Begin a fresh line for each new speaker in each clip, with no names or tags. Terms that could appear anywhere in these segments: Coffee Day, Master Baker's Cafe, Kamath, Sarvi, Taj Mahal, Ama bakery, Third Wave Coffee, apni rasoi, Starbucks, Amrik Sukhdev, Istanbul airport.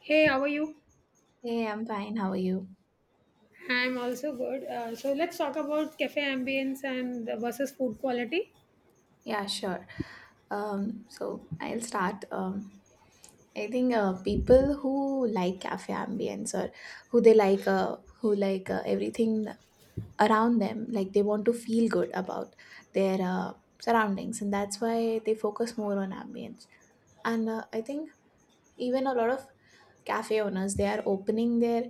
Hey, how are you?
Hey, I'm fine. How are you?
I'm also good. So let's talk about cafe ambience and versus food quality.
Yeah, sure. So I'll start. I think people who like cafe ambience or who they like, who like everything around them, like they want to feel good about their surroundings, and that's why they focus more on ambience. And I think even a lot of cafe owners they are opening their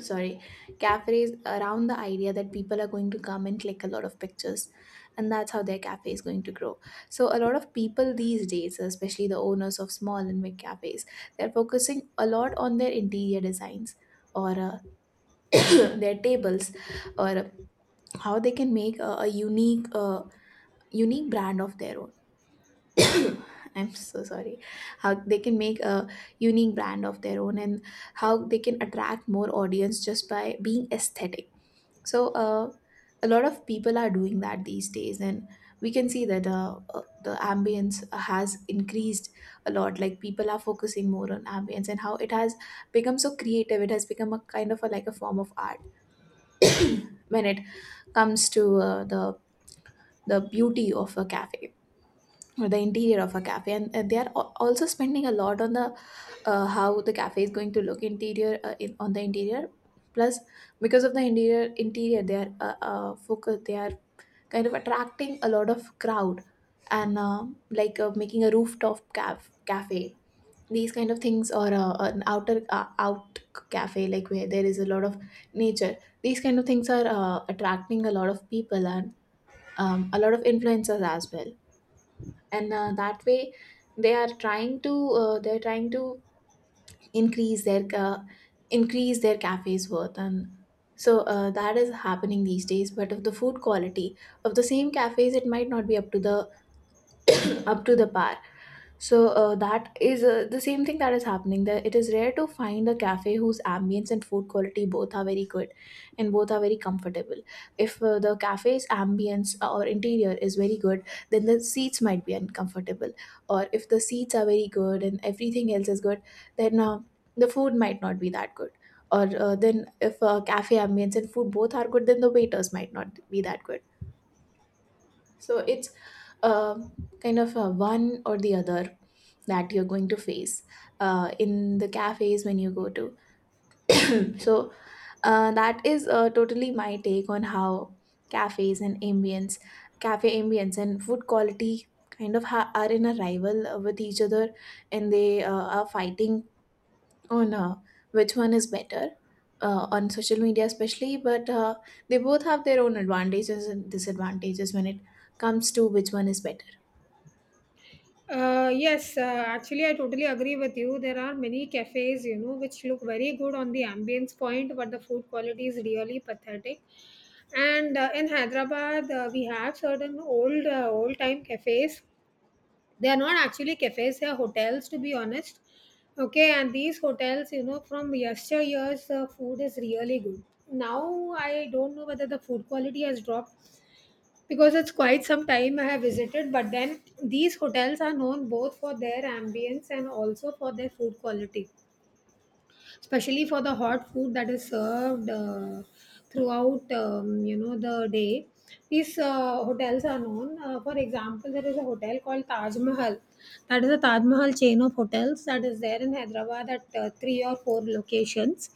sorry cafes around the idea that people are going to come and click a lot of pictures, and that's how their cafe is going to grow. So a lot of people these days, especially the owners of small and big cafes, they're focusing a lot on their interior designs, or their tables, or how they can make a unique unique brand of their own. I'm so sorry. How they can make a unique brand of their own, and how they can attract more audience just by being aesthetic. So a lot of people are doing that these days, and we can see that the ambience has increased a lot. Like people are focusing more on ambience, and how it has become so creative, it has become a kind of like a form of art when it comes to the beauty of a cafe, or the interior of a cafe, and they are also spending a lot on the how the cafe is going to look interior on the interior. Plus, because of the interior, they are focus they are kind of attracting a lot of crowd, and like making a rooftop cafe, these kind of things, or an outer out cafe, like where there is a lot of nature. These kind of things are attracting a lot of people, and a lot of influencers as well. And that way, they are trying to uh, they're trying to increase their uh, increase their cafe's worth. And so that is happening these days, but of the food quality of the same cafes, it might not be up to the up to the par. So that is the same thing that is happening. That it is rare to find a cafe whose ambience and food quality both are very good, and both are very comfortable. If the cafe's ambience or interior is very good, then the seats might be uncomfortable. Or if the seats are very good and everything else is good, then the food might not be that good. Or then if cafe ambience and food both are good, then the waiters might not be that good. So it's uh, kind of a one or the other that you're going to face in the cafes when you go to. So that is totally my take on how cafes and ambience, cafe ambience and food quality kind of are in a rival with each other, and they are fighting on which one is better. On social media especially, but they both have their own advantages and disadvantages when it comes to which one is better.
Yes, actually, I totally agree with you. There are many cafes, you know, which look very good on the ambience point, but the food quality is really pathetic. And in Hyderabad, we have certain old-time cafes. They are not actually cafes, they are hotels to be honest. Okay, and these hotels, you know, from yesteryears, the food is really good. Now I don't know whether the food quality has dropped because it's quite some time I have visited, but then these hotels are known both for their ambience and also for their food quality, especially for the hot food that is served throughout you know, the day. These hotels are known, for example, there is a hotel called Taj Mahal. That is a Taj Mahal chain of hotels that is there in Hyderabad at three or four locations.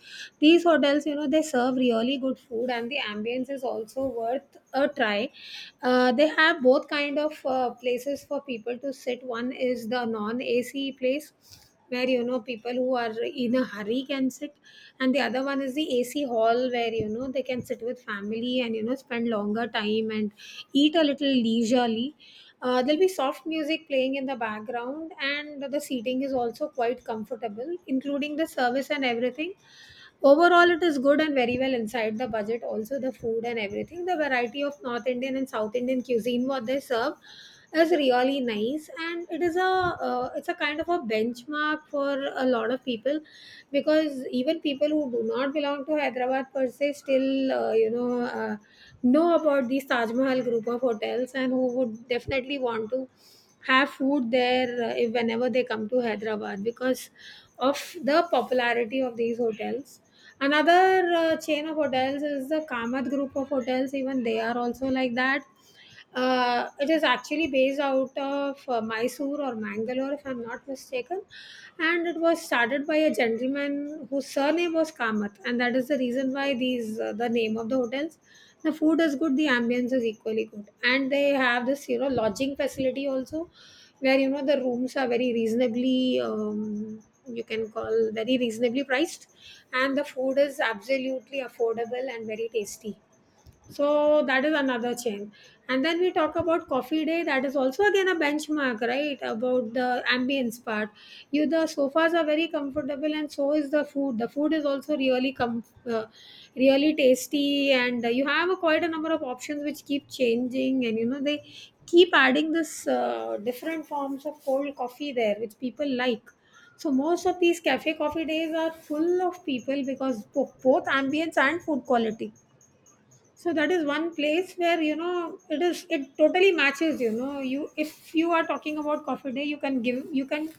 These hotels, you know, they serve really good food and the ambience is also worth a try. They have both kind of places for people to sit. One is the non AC place where, you know, people who are in a hurry can sit, and the other one is the AC hall where, you know, they can sit with family and, you know, spend longer time and eat a little leisurely. There'll be soft music playing in the background and the seating is also quite comfortable, including the service and everything. Overall, it is good and very well inside the budget. Also, the food and everything, the variety of North Indian and South Indian cuisine what they serve is really nice, and it is a it's a kind of a benchmark for a lot of people, because even people who do not belong to Hyderabad per se still you know, know about these Taj Mahal group of hotels and who would definitely want to have food there if whenever they come to Hyderabad because of the popularity of these hotels. Another chain of hotels is the Kamath group of hotels, even they are also like that. It is actually based out of Mysore or Mangalore, if I'm not mistaken. And it was started by a gentleman whose surname was Kamath, and that is the reason why these the name of the hotels. The food is good, the ambience is equally good, and they have this, you know, lodging facility also, where, you know, the rooms are very reasonably, you can call very reasonably priced, and the food is absolutely affordable and very tasty. So that is another change. And then we talk about Coffee Day. That is also again a benchmark, right? About the ambience part. You, the sofas are very comfortable, and so is the food. The food is also really uh, really tasty, and you have a, quite a number of options which keep changing. And you know, they keep adding this different forms of cold coffee there, which people like. So most of these Cafe Coffee Days are full of people because both ambience and food quality. So that is one place where, you know, it is, it totally matches. You know, you if you are talking about Coffee Day, you can give, you can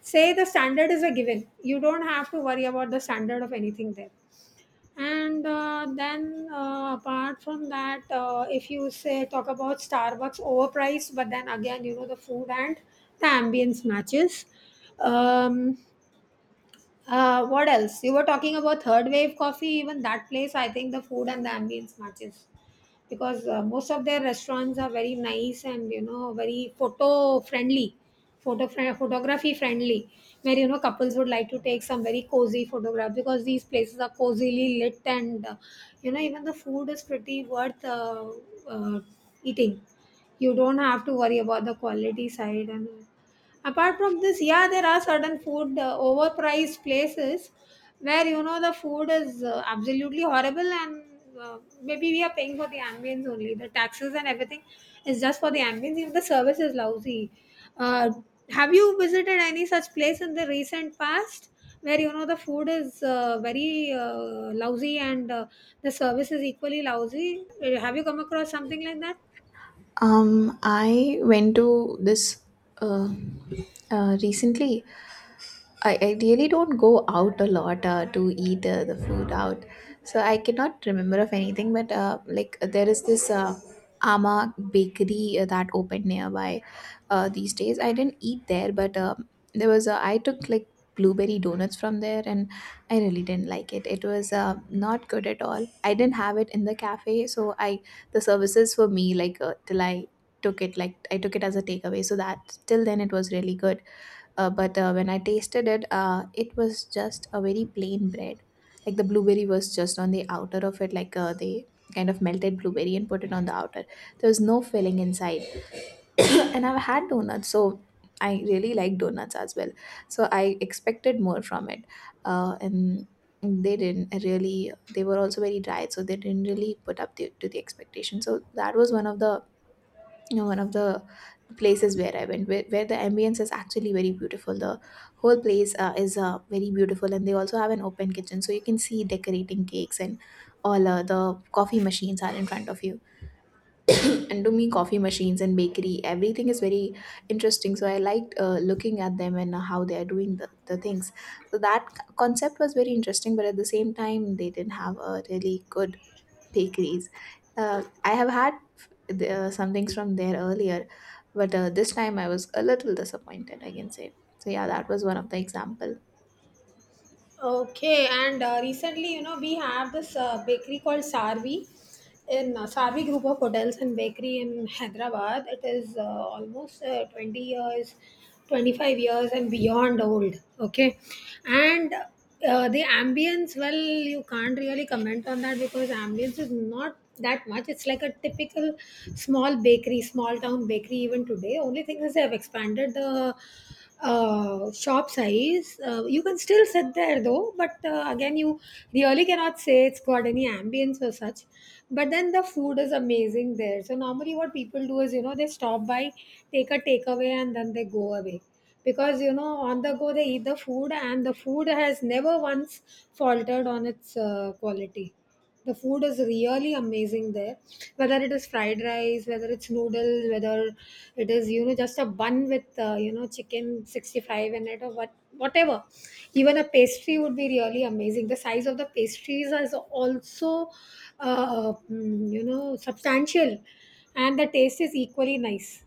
say the standard is a given, you don't have to worry about the standard of anything there. And then, apart from that, if you say, talk about Starbucks, overpriced, but then again, you know, the food and the ambience matches. um, what else, you were talking about Third Wave Coffee, even that place, I think the food and the ambience matches, because most of their restaurants are very nice and, you know, very photography friendly, where, you know, couples would like to take some very cozy photographs because these places are cozily lit, and you know, even the food is pretty worth uh, eating. You don't have to worry about the quality side. And apart from this, yeah, there are certain food overpriced places where, you know, the food is absolutely horrible and maybe we are paying for the ambience only the taxes and everything is just for the ambience if the service is lousy. Uh, have you visited any such place in the recent past where, you know, the food is very lousy and the service is equally lousy? Have you come across something like that?
I went to this uh, recently. I really don't go out a lot to eat the food out. So I cannot remember of anything, but like there is this Ama bakery that opened nearby these days. I didn't eat there, but there was I took like blueberry donuts from there, and I really didn't like it. It was not good at all. I didn't have it in the cafe, so I the services for me like till I took it, like I took it as a takeaway. So that till then it was really good. But when I tasted it, it was just a very plain bread. Like the blueberry was just on the outer of it, like they kind of melted blueberry and put it on the outer. There was no filling inside. And I've had donuts, so I really like donuts as well. So I expected more from it, and they didn't really. They were also very dry, so they didn't really put up to the expectation. So that was one of the you know one of the places where I went, where the ambience is actually very beautiful. The whole place is very beautiful, and they also have an open kitchen, so you can see decorating cakes and all. The coffee machines are in front of you. And to me coffee machines and bakery everything is very interesting, so I liked looking at them, and how they are doing the things. So that concept was very interesting, but at the same time they didn't have a really good bakeries. I have had some things from there earlier, but this time I was a little disappointed, I can say. So yeah, that was one of the example.
Okay, and recently, you know, we have this bakery called Sarvi in Sarvi Group of Hotels and Bakery in Hyderabad. It is almost 20 years, 25 years, and beyond old. Okay, and the ambience, well, you can't really comment on that because ambience is not that much. It's like a typical small bakery, small town bakery, even today. Only thing is they have expanded the shop size. You can still sit there though, but again, you really cannot say it's got any ambience or such. But then the food is amazing there. So normally, what people do is, you know, they stop by, take a takeaway, and then they go away. Because you know, on the go they eat the food, and the food has never once faltered on its quality. The food is really amazing there. Whether it is fried rice, whether it's noodles, whether it is, you know, just a bun with you know, chicken 65 in it or whatever. Even a pastry would be really amazing. The size of the pastries is also you know, substantial, and the taste is equally nice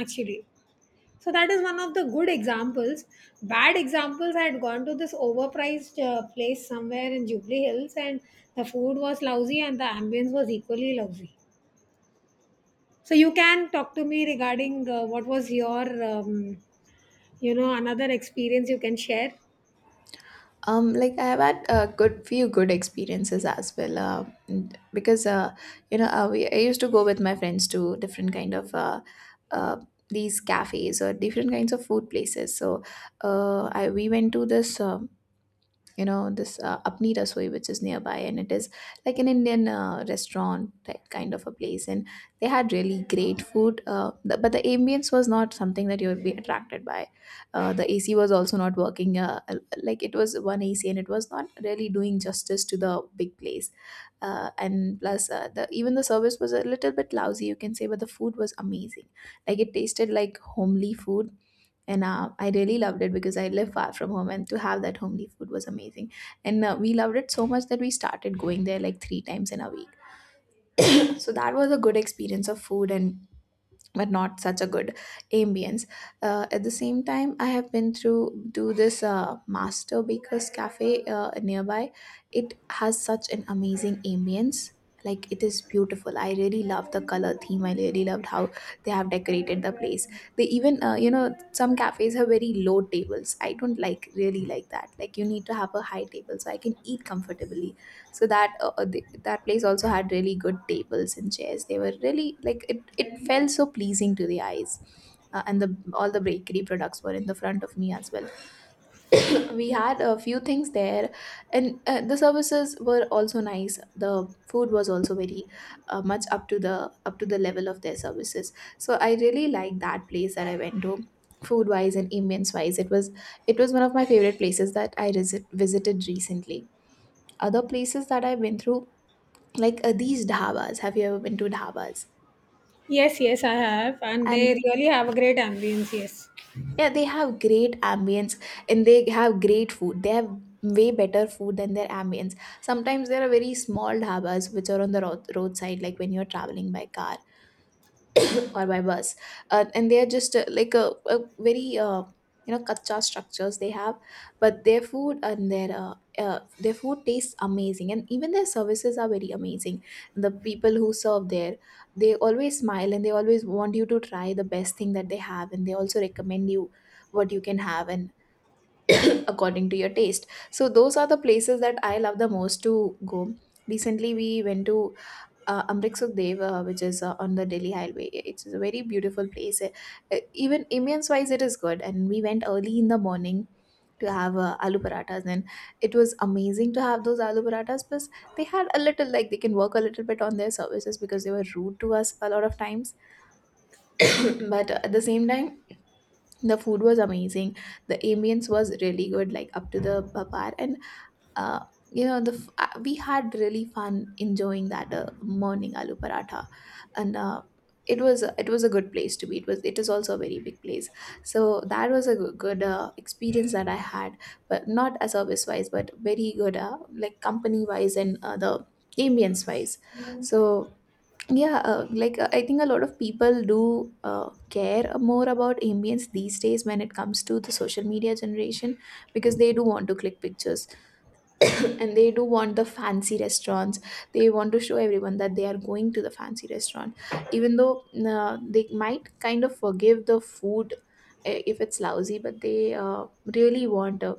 actually. So that is one of the good examples. Bad examples, I had gone to this overpriced place somewhere in Jubilee Hills, and the food was lousy and the ambience was equally lousy. So you can talk to me regarding what was your, you know, another experience you can share.
Um, like I have had a good few good experiences as well, because you know, I used to go with my friends to different kind of uh, these cafes, or different kinds of food places. So we went to this you know this apni rasoi, which is nearby, and it is like an Indian restaurant type kind of a place. And they had really great food, but the ambience was not something that you would be attracted by. The AC was also not working, like it was one AC and it was not really doing justice to the big place. And plus the even the service was a little bit lousy, you can say, but the food was amazing. Like it tasted like homely food, and I really loved it because I live far from home, and to have that homely food was amazing. And we loved it so much that we started going there like three times in a week. So that was a good experience of food, and but not such a good ambience. At the same time, I have been through to this Master Baker's Cafe nearby. It has such an amazing ambience. Like it is beautiful. I really love the color theme. I really loved how they have decorated the place. They even, you know, some cafes have very low tables. I don't like really like that. Like you need to have a high table so I can eat comfortably, so that that place also had really good tables and chairs. They were really like it felt so pleasing to the eyes. And the all the bakery products were in the front of me as well. We had a few things there, and the services were also nice. The food was also very much up to the level of their services. So I really liked that place that I went to. Food wise and ambience wise, it was one of my favorite places that I visited recently. Other places that I've been through, like these dhabas, have you ever been to dhabas?
Yes, yes, I have, and they
And
really have a great ambience. Yes.
yeah, they have great ambience, and they have great food. They have way better food than their ambience. Sometimes there are very small dhabas which are on the roadside, like when you're traveling by car, or by bus. And they are just like a very you know kacha structures they have, but their food and their food tastes amazing, and even their services are very amazing. The people who serve there, they always smile and they always want you to try the best thing that they have, and they also recommend you what you can have, and according to your taste. So those are the places that I love the most to go. Recently we went to Amrik Sukhdev, which is on the Delhi Highway. It's a very beautiful place. Even ambience wise, it is good. And we went early in the morning to have aloo parathas, and it was amazing to have those aloo parathas. Plus, they had a little like they can work a little bit on their services, because they were rude to us a lot of times. But at the same time, the food was amazing. The ambience was really good, like up to the par, and uh, we had really fun enjoying that morning aloo paratha and it was a good place to be, it is also a very big place, so that was a good experience that I had, but not a service wise, but very good, like company wise and the ambience wise. Mm. So yeah, I think a lot of people do uh, care more about ambience these days when it comes to the social media generation, because they do want to click pictures, and they do want the fancy restaurants. They want to show everyone that they are going to the fancy restaurant, even though they might kind of forgive the food if it's lousy, but they really want a,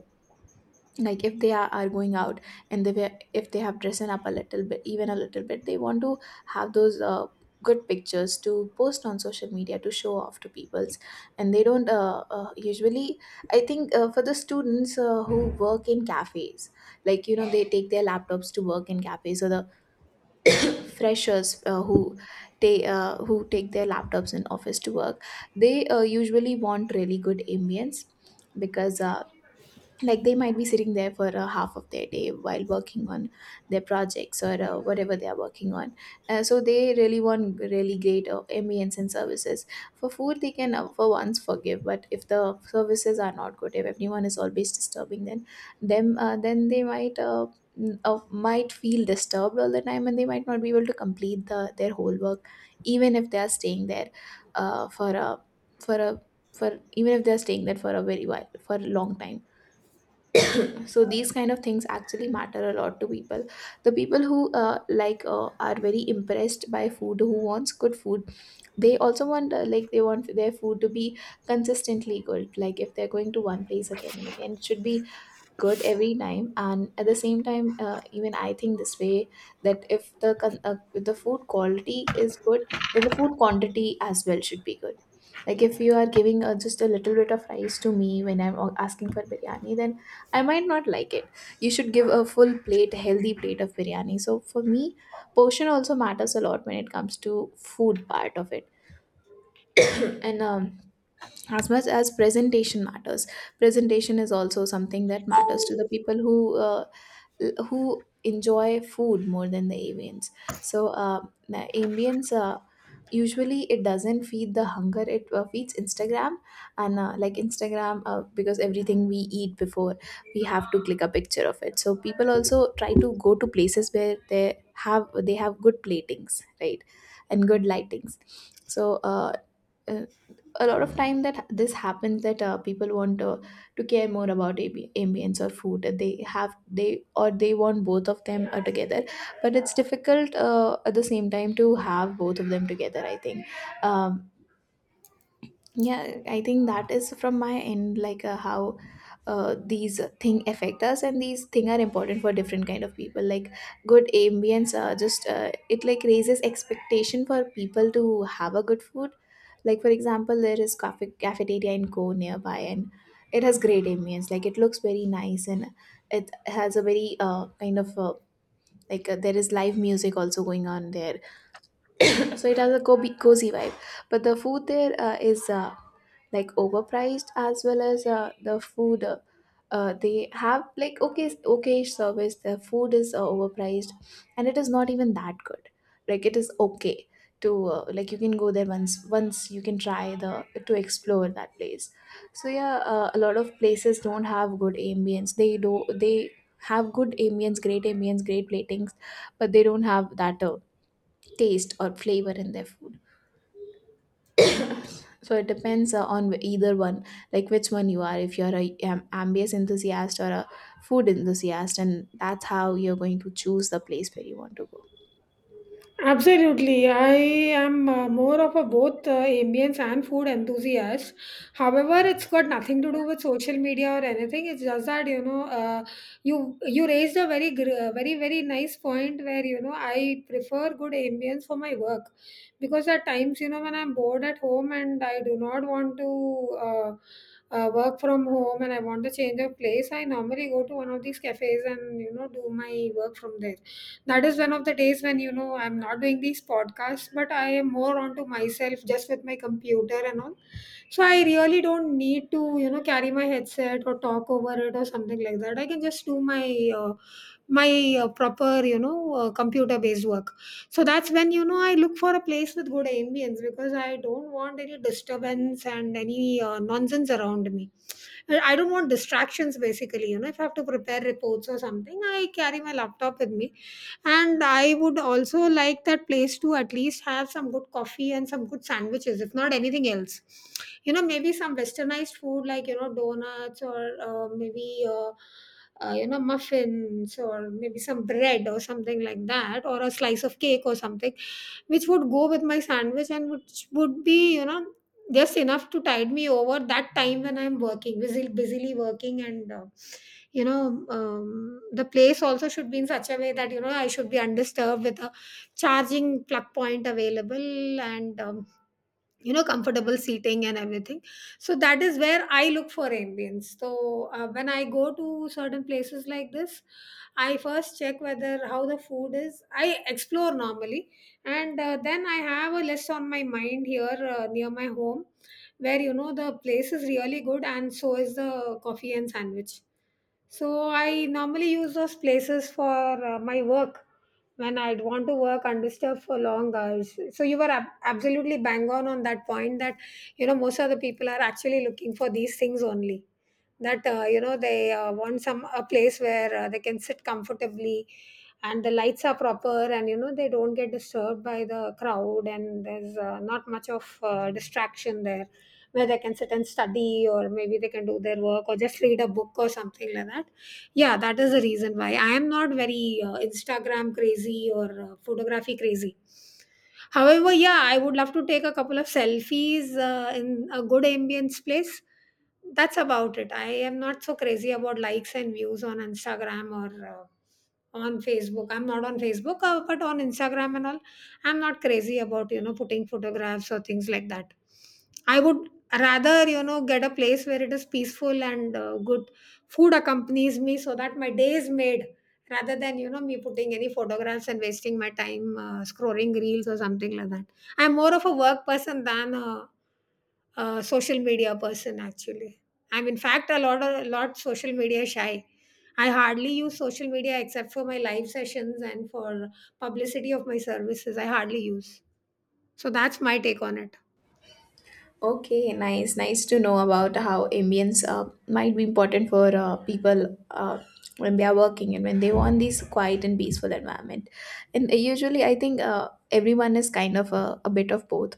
like if they are going out, and they were, if they have dressed up a little bit, even a little bit, they want to have those good pictures to post on social media to show off to peoples. And they don't usually, I think for the students who work in cafes, like you know they take their laptops to work in cafes, or the freshers who take their laptops in office to work, they usually want really good ambience, because like they might be sitting there for a half of their day while working on their projects, or whatever they are working on. So they really want really great ambience and services. For food, they can for once forgive, but if the services are not good, if everyone is always disturbing, then them, then they might might feel disturbed all the time, and they might not be able to complete the their whole work, even if they are staying there uh, for a for a for even if they are staying there for a very while, for a long time, future. So these kind of things actually matter a lot to people. The people who are very impressed by food, who wants good food, they also want, they want their food to be consistently good, like if they're going to one place again and again, it should be good every time. And at the same time, even I think this way, that if if the food quality is good, then the food quantity as well should be good. Like if you are giving just a little bit of rice to me when I'm asking for biryani, then I might not like it. You should give a full plate, a healthy plate of biryani. So for me portion also matters a lot when it comes to food part of it. And as much as presentation matters, presentation is also something that matters to the people who uh, who enjoy food more than the avians. So the ambience usually it doesn't feed the hunger; it feeds Instagram, and like Instagram, because everything we eat before, we have to click a picture of it. So people also try to go to places where they have good platings, right, and good lightings. So uh, a lot of time that this happens, that people want to care more about ambience or food. They have they Or they want both of them together, but it's difficult at the same time to have both of them together, I think. um, yeah, I think that is from my end, like how these thing affect us, and these thing are important for different kind of people. Like good ambience, just it like raises expectation for people to have a good food. Like for example, there is cafe cafeteria in Go nearby, and it has great ambience. Like it looks very nice, and it has a very kind of there is live music also going on there, so it has a cozy vibe. But the food there is. Like overpriced, as well as the food they have like okay service. The food is overpriced, and it is not even that good. Like it is okay to like you can go there once, you can try the to explore that place. So yeah, a lot of places don't have good ambience. They do they have good ambience, great ambience, great platings, but they don't have that taste or flavor in their food. So it depends on either one, like which one you are. If you're a, ambience enthusiast, or a food enthusiast, and that's how you're going to choose the place where you want to go.
Absolutely. I am more of a both ambience and food enthusiast. However, it's got nothing to do with social media or anything. It's just that, you know, you raised a very very nice point where, you know, I prefer good ambience for my work, because at times, you know, when I'm bored at home and I do not want to. Work from home, and I want to change of place. I normally go to one of these cafes and, you know, do my work from there. That is one of the days when, you know, I'm not doing these podcasts, but I am more onto myself just with my computer and all. So I really don't need to, you know, carry my headset or talk over it or something like that. I can just do my uh, my proper, you know, computer based work. So that's when, you know, I look for a place with good ambience, because I don't want any disturbance and any nonsense around me, and I don't want distractions basically. You know, if I have to prepare reports or something, I carry my laptop with me. And I would also like that place to at least have some good coffee and some good sandwiches, if not anything else. You know, maybe some westernized food like, you know, donuts or maybe. You know, muffins or maybe some bread or something like that or a slice of cake or something which would go with my sandwich and which would be, you know, just enough to tide me over that time when I'm working busily working. And you know, the place also should be in such a way that, you know, I should be undisturbed with a charging plug point available, and you know, comfortable seating and everything. So that is where I look for ambience. So when I go to certain places like this, I first check whether how the food is, I explore normally, and then I have a list on my mind here near my home, where, you know, the place is really good and so is the coffee and sandwich. So I normally use those places for my work when I'd want to work undisturbed for long hours. So you were absolutely bang on that point, that, you know, most of the people are actually looking for these things only. That you know they want some a place where they can sit comfortably, and the lights are proper, and you know they don't get disturbed by the crowd, and there's not much of distraction there where they can sit and study, or maybe they can do their work, or just read a book or something like that. Yeah, that is the reason why I am not very Instagram crazy or photography crazy. However, yeah, I would love to take a couple of selfies in a good ambience place. That's about it. I am not so crazy about likes and views on Instagram or on Facebook. I'm not on Facebook, but on Instagram and all, I'm not crazy about, you know, putting photographs or things like that. I would rather, you know, get a place where it is peaceful and good food accompanies me, so that my day is made rather than, you know, me putting any photographs and wasting my time scrolling reels or something like that. I'm more of a work person than a social media person, actually. I'm in fact a lot social media shy. I hardly use social media except for my live sessions and for publicity of my services. I hardly use. So that's my take on it.
Okay, nice. Nice to know about how ambience might be important for people when they are working and when they want this quiet and peaceful environment. And usually, I think everyone is kind of a bit of both,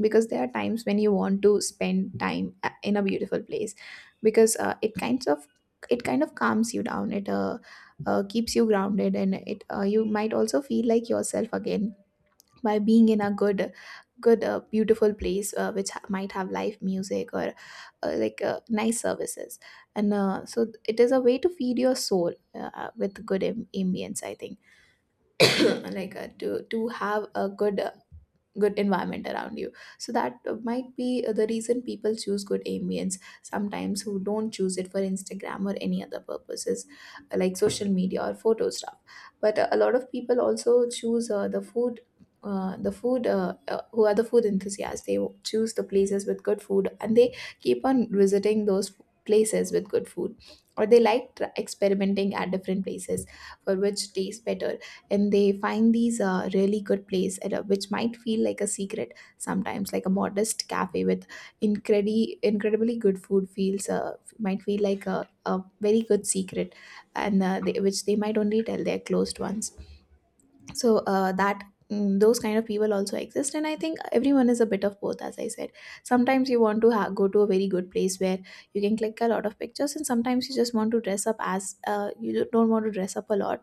because there are times when you want to spend time in a beautiful place, because it kinds of, it kind of calms you down. It keeps you grounded, and it you might also feel like yourself again by being in a good beautiful place which might have live music, or nice services, and so it is a way to feed your soul, with good ambience, I think. Like to have a good good environment around you, so that might be the reason people choose good ambience sometimes, who don't choose it for Instagram or any other purposes, like social media or photo stuff. But a lot of people also choose the food, who are the food enthusiasts. They choose the places with good food, and they keep on visiting those places with good food, or they like experimenting at different places for which tastes better. And they find these really good place at a, which might feel like a secret sometimes, like a modest cafe with incredibly good food feels, might feel like a very good secret. And which they might only tell their closed ones. So those kind of people also exist, and I think everyone is a bit of both, as I said. Sometimes you want to go to a very good place where you can click a lot of pictures, and sometimes you just want to dress up, as you don't want to dress up a lot,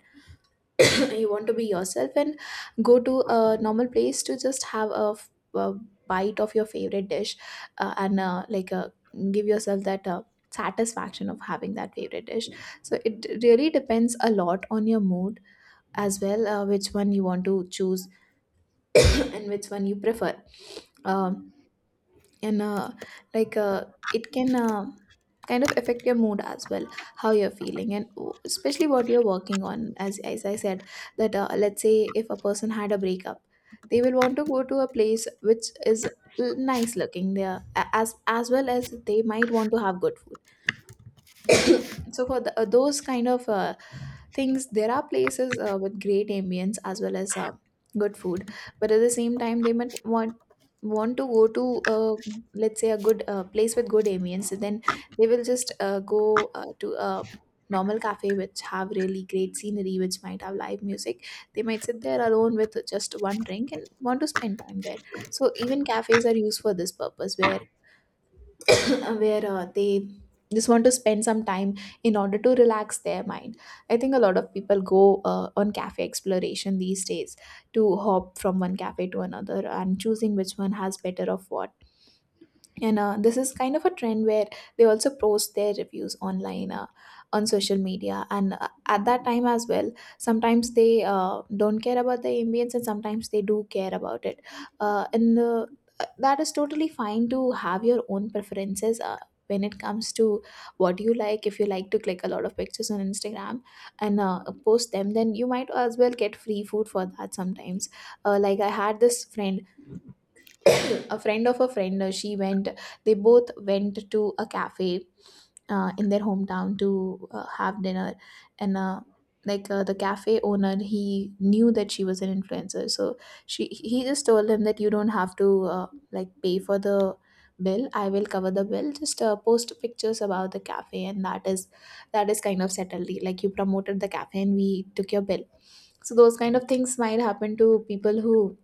you want to be yourself, and go to a normal place to just have a, a bite of your favorite dish. And give yourself that satisfaction of having that favorite dish. So it really depends a lot on your mood as well, which one you want to choose and which one you prefer. Um and like uh, it can kind of affect your mood as well, how you're feeling, and especially what you're working on, as I said, that let's say if a person had a breakup, they will want to go to a place which is nice looking there, as well as they might want to have good food. So for the, those kind of things, there are places with great ambience as well as good food. But at the same time they might want to go to uh, let's say a good place with good ambience, then they will just go to a normal cafe which have really great scenery, which might have live music. They might sit there alone with just one drink and want to spend time there. So even cafes are used for this purpose, where where they just want to spend some time in order to relax their mind. I think a lot of people go on cafe exploration these days to hop from one cafe to another and choosing which one has better of what, and this is kind of a trend where they also post their reviews online, on social media. And at that time as well, sometimes they don't care about the ambience and sometimes they do care about it. And That is totally fine to have your own preferences when it comes to what you like. If you like to click a lot of pictures on instagram and post them, then you might as well get free food for that sometimes. Like, I had this friend a friend of a friend. She went, they both went to a cafe in their hometown to have dinner. And like The cafe owner, he knew that she was an influencer, so she he just told him that you don't have to, uh, like, pay for the bill, I will cover the bill, just post pictures about the cafe, and that is, that is kind of settled, like you promoted the cafe and we took your bill. So those kind of things might happen to people who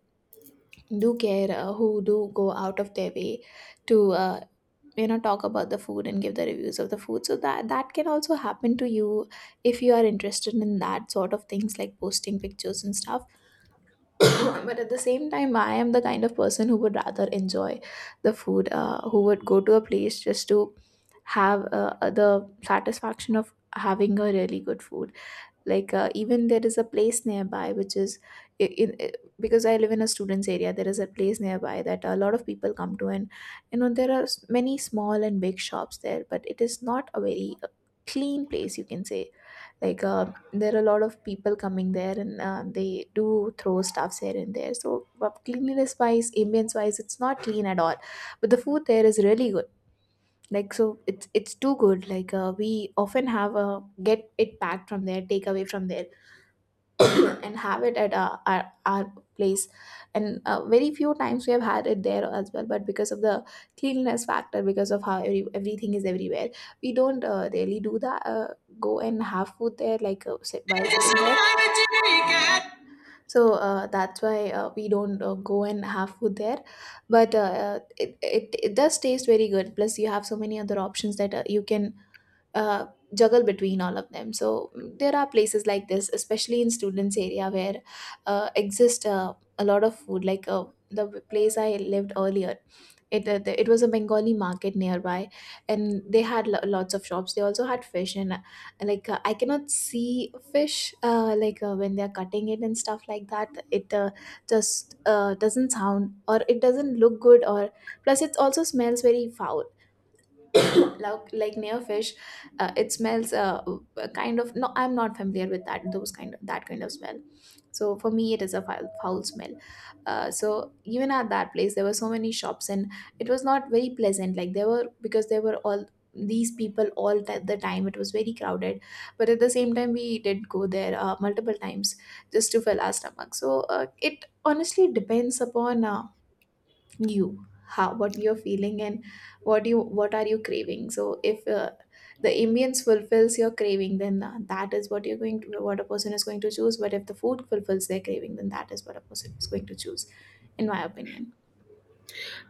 do care, who do go out of their way to you know talk about the food and give the reviews of the food, so that that can also happen to you if you are interested in that sort of things, like posting pictures and stuff. But at the same time, I am the kind of person who would rather enjoy the food, who would go to a place just to have the satisfaction of having a really good food. Even there is a place nearby which is i- in i- because I live in a students area, there is a place nearby that a lot of people come to, and you know there are many small and big shops there, but it is not a very clean place, you can say. like uh, there are a lot of people coming there, and they do throw stuffs here and there, so but cleanliness wise, ambience wise, it's not clean at all, but the food there is really good. Like, so it's too good. We often have a, get it packed from there, take away from there, and have it at our place. And very few times we have had it there as well, but because of the cleanliness factor, because of how everything is everywhere, we don't really do that, go and have food there, like while sitting there.
It.
So that's why we don't go and have food there. But it does taste very good, plus you have so many other options that you can uh, juggle between all of them. So there are places like this, especially in students area, where exist a lot of food. The place I lived earlier, it was a bengali market nearby, and they had lots of shops. They also had fish, and I cannot see fish, when they're cutting it and stuff like that, it just doesn't sound or it doesn't look good, or plus it also smells very foul, like nailfish. It smells a kind of, no I'm not familiar with that kind of smell. So for me it is a foul smell. So even at that place there were so many shops, and it was not very pleasant, like there were, because there were all these people all the time, it was very crowded. But at the same time we did go there multiple times just to fill our stomach. So it honestly depends upon you, how what you're feeling and what are you craving. So if the ambience fulfills your craving, then that is what you're going to what a person is going to choose, but if the food fulfills their craving, then that is what a person is going to choose, in my opinion.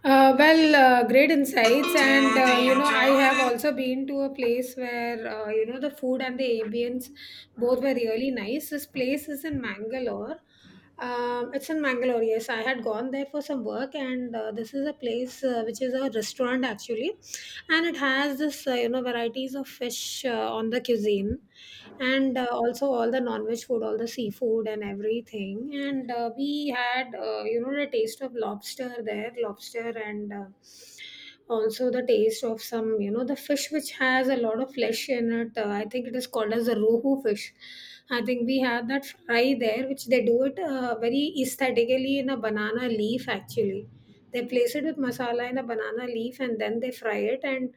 Well, great insights, and you know, I have also been to a place where you know, the food and the ambience both were really nice. This place is in Mangalore. It's in Mangalore. Yes, I had gone there for some work, and this is a place which is a restaurant, actually. And it has this you know, varieties of fish on the cuisine. And also all the non-veg food, all the seafood and everything. And we had you know, the taste of lobster there, lobster, and also the taste of some, you know, the fish which has a lot of flesh in it. I think it is called as the rohu fish. I think we had that fry there, which they do it very aesthetically in a banana leaf, actually. They place it with masala in a banana leaf, and then they fry it, and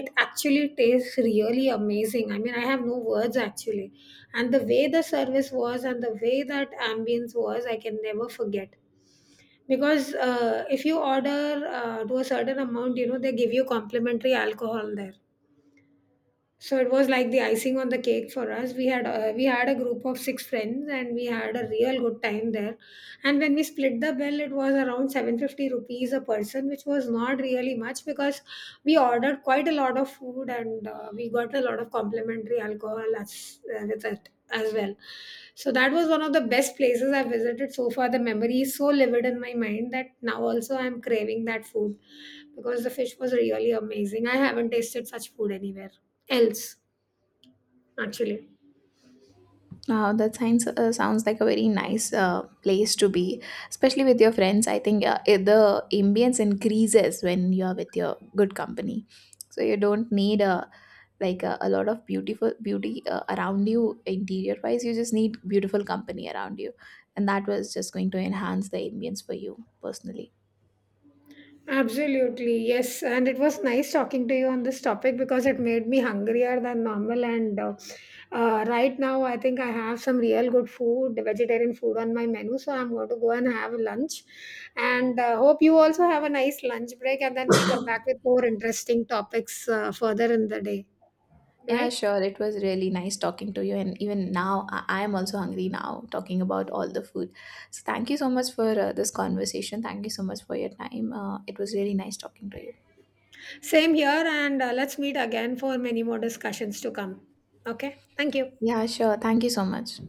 it actually tastes really amazing. I mean, I have no words, actually. And the way the service was and the way that ambience was, I can never forget. Because if you order to a certain amount, you know, they give you complimentary alcohol there. So it was like the icing on the cake for us. We had we had a group of 6 friends, and we had a real good time there. And when we split the bill, it was around 750 rupees a person, which was not really much because we ordered quite a lot of food, and we got a lot of complimentary alcohol as with it as well. So that was one of the best places I visited so far. The memory is so vivid in my mind that now also I'm craving that food because the fish was really amazing. I haven't tasted such food anywhere else, actually.
That sounds, sounds like a very nice place to be, especially with your friends. I think the ambience increases when you're with your good company. So you don't need a, a lot of beautiful beauty around you, interior wise, you just need beautiful company around you, and that was just going to enhance the ambience for you personally.
Absolutely, yes. And it was nice talking to you on this topic because it made me hungrier than normal. And right now, I think I have some real good food, vegetarian food on my menu. So I'm going to go and have lunch. And hope you also have a nice lunch break. And then we'll come back with more interesting topics further in the day.
Yeah,
Right?
sure. It was really nice talking to you, and even now I am also hungry now talking about all the food. So thank you so much for this conversation, thank you so much for your time, it was really nice talking to you.
Same here. And let's meet again for many more discussions to come. Okay. Thank you.
Yeah, sure, thank you so much.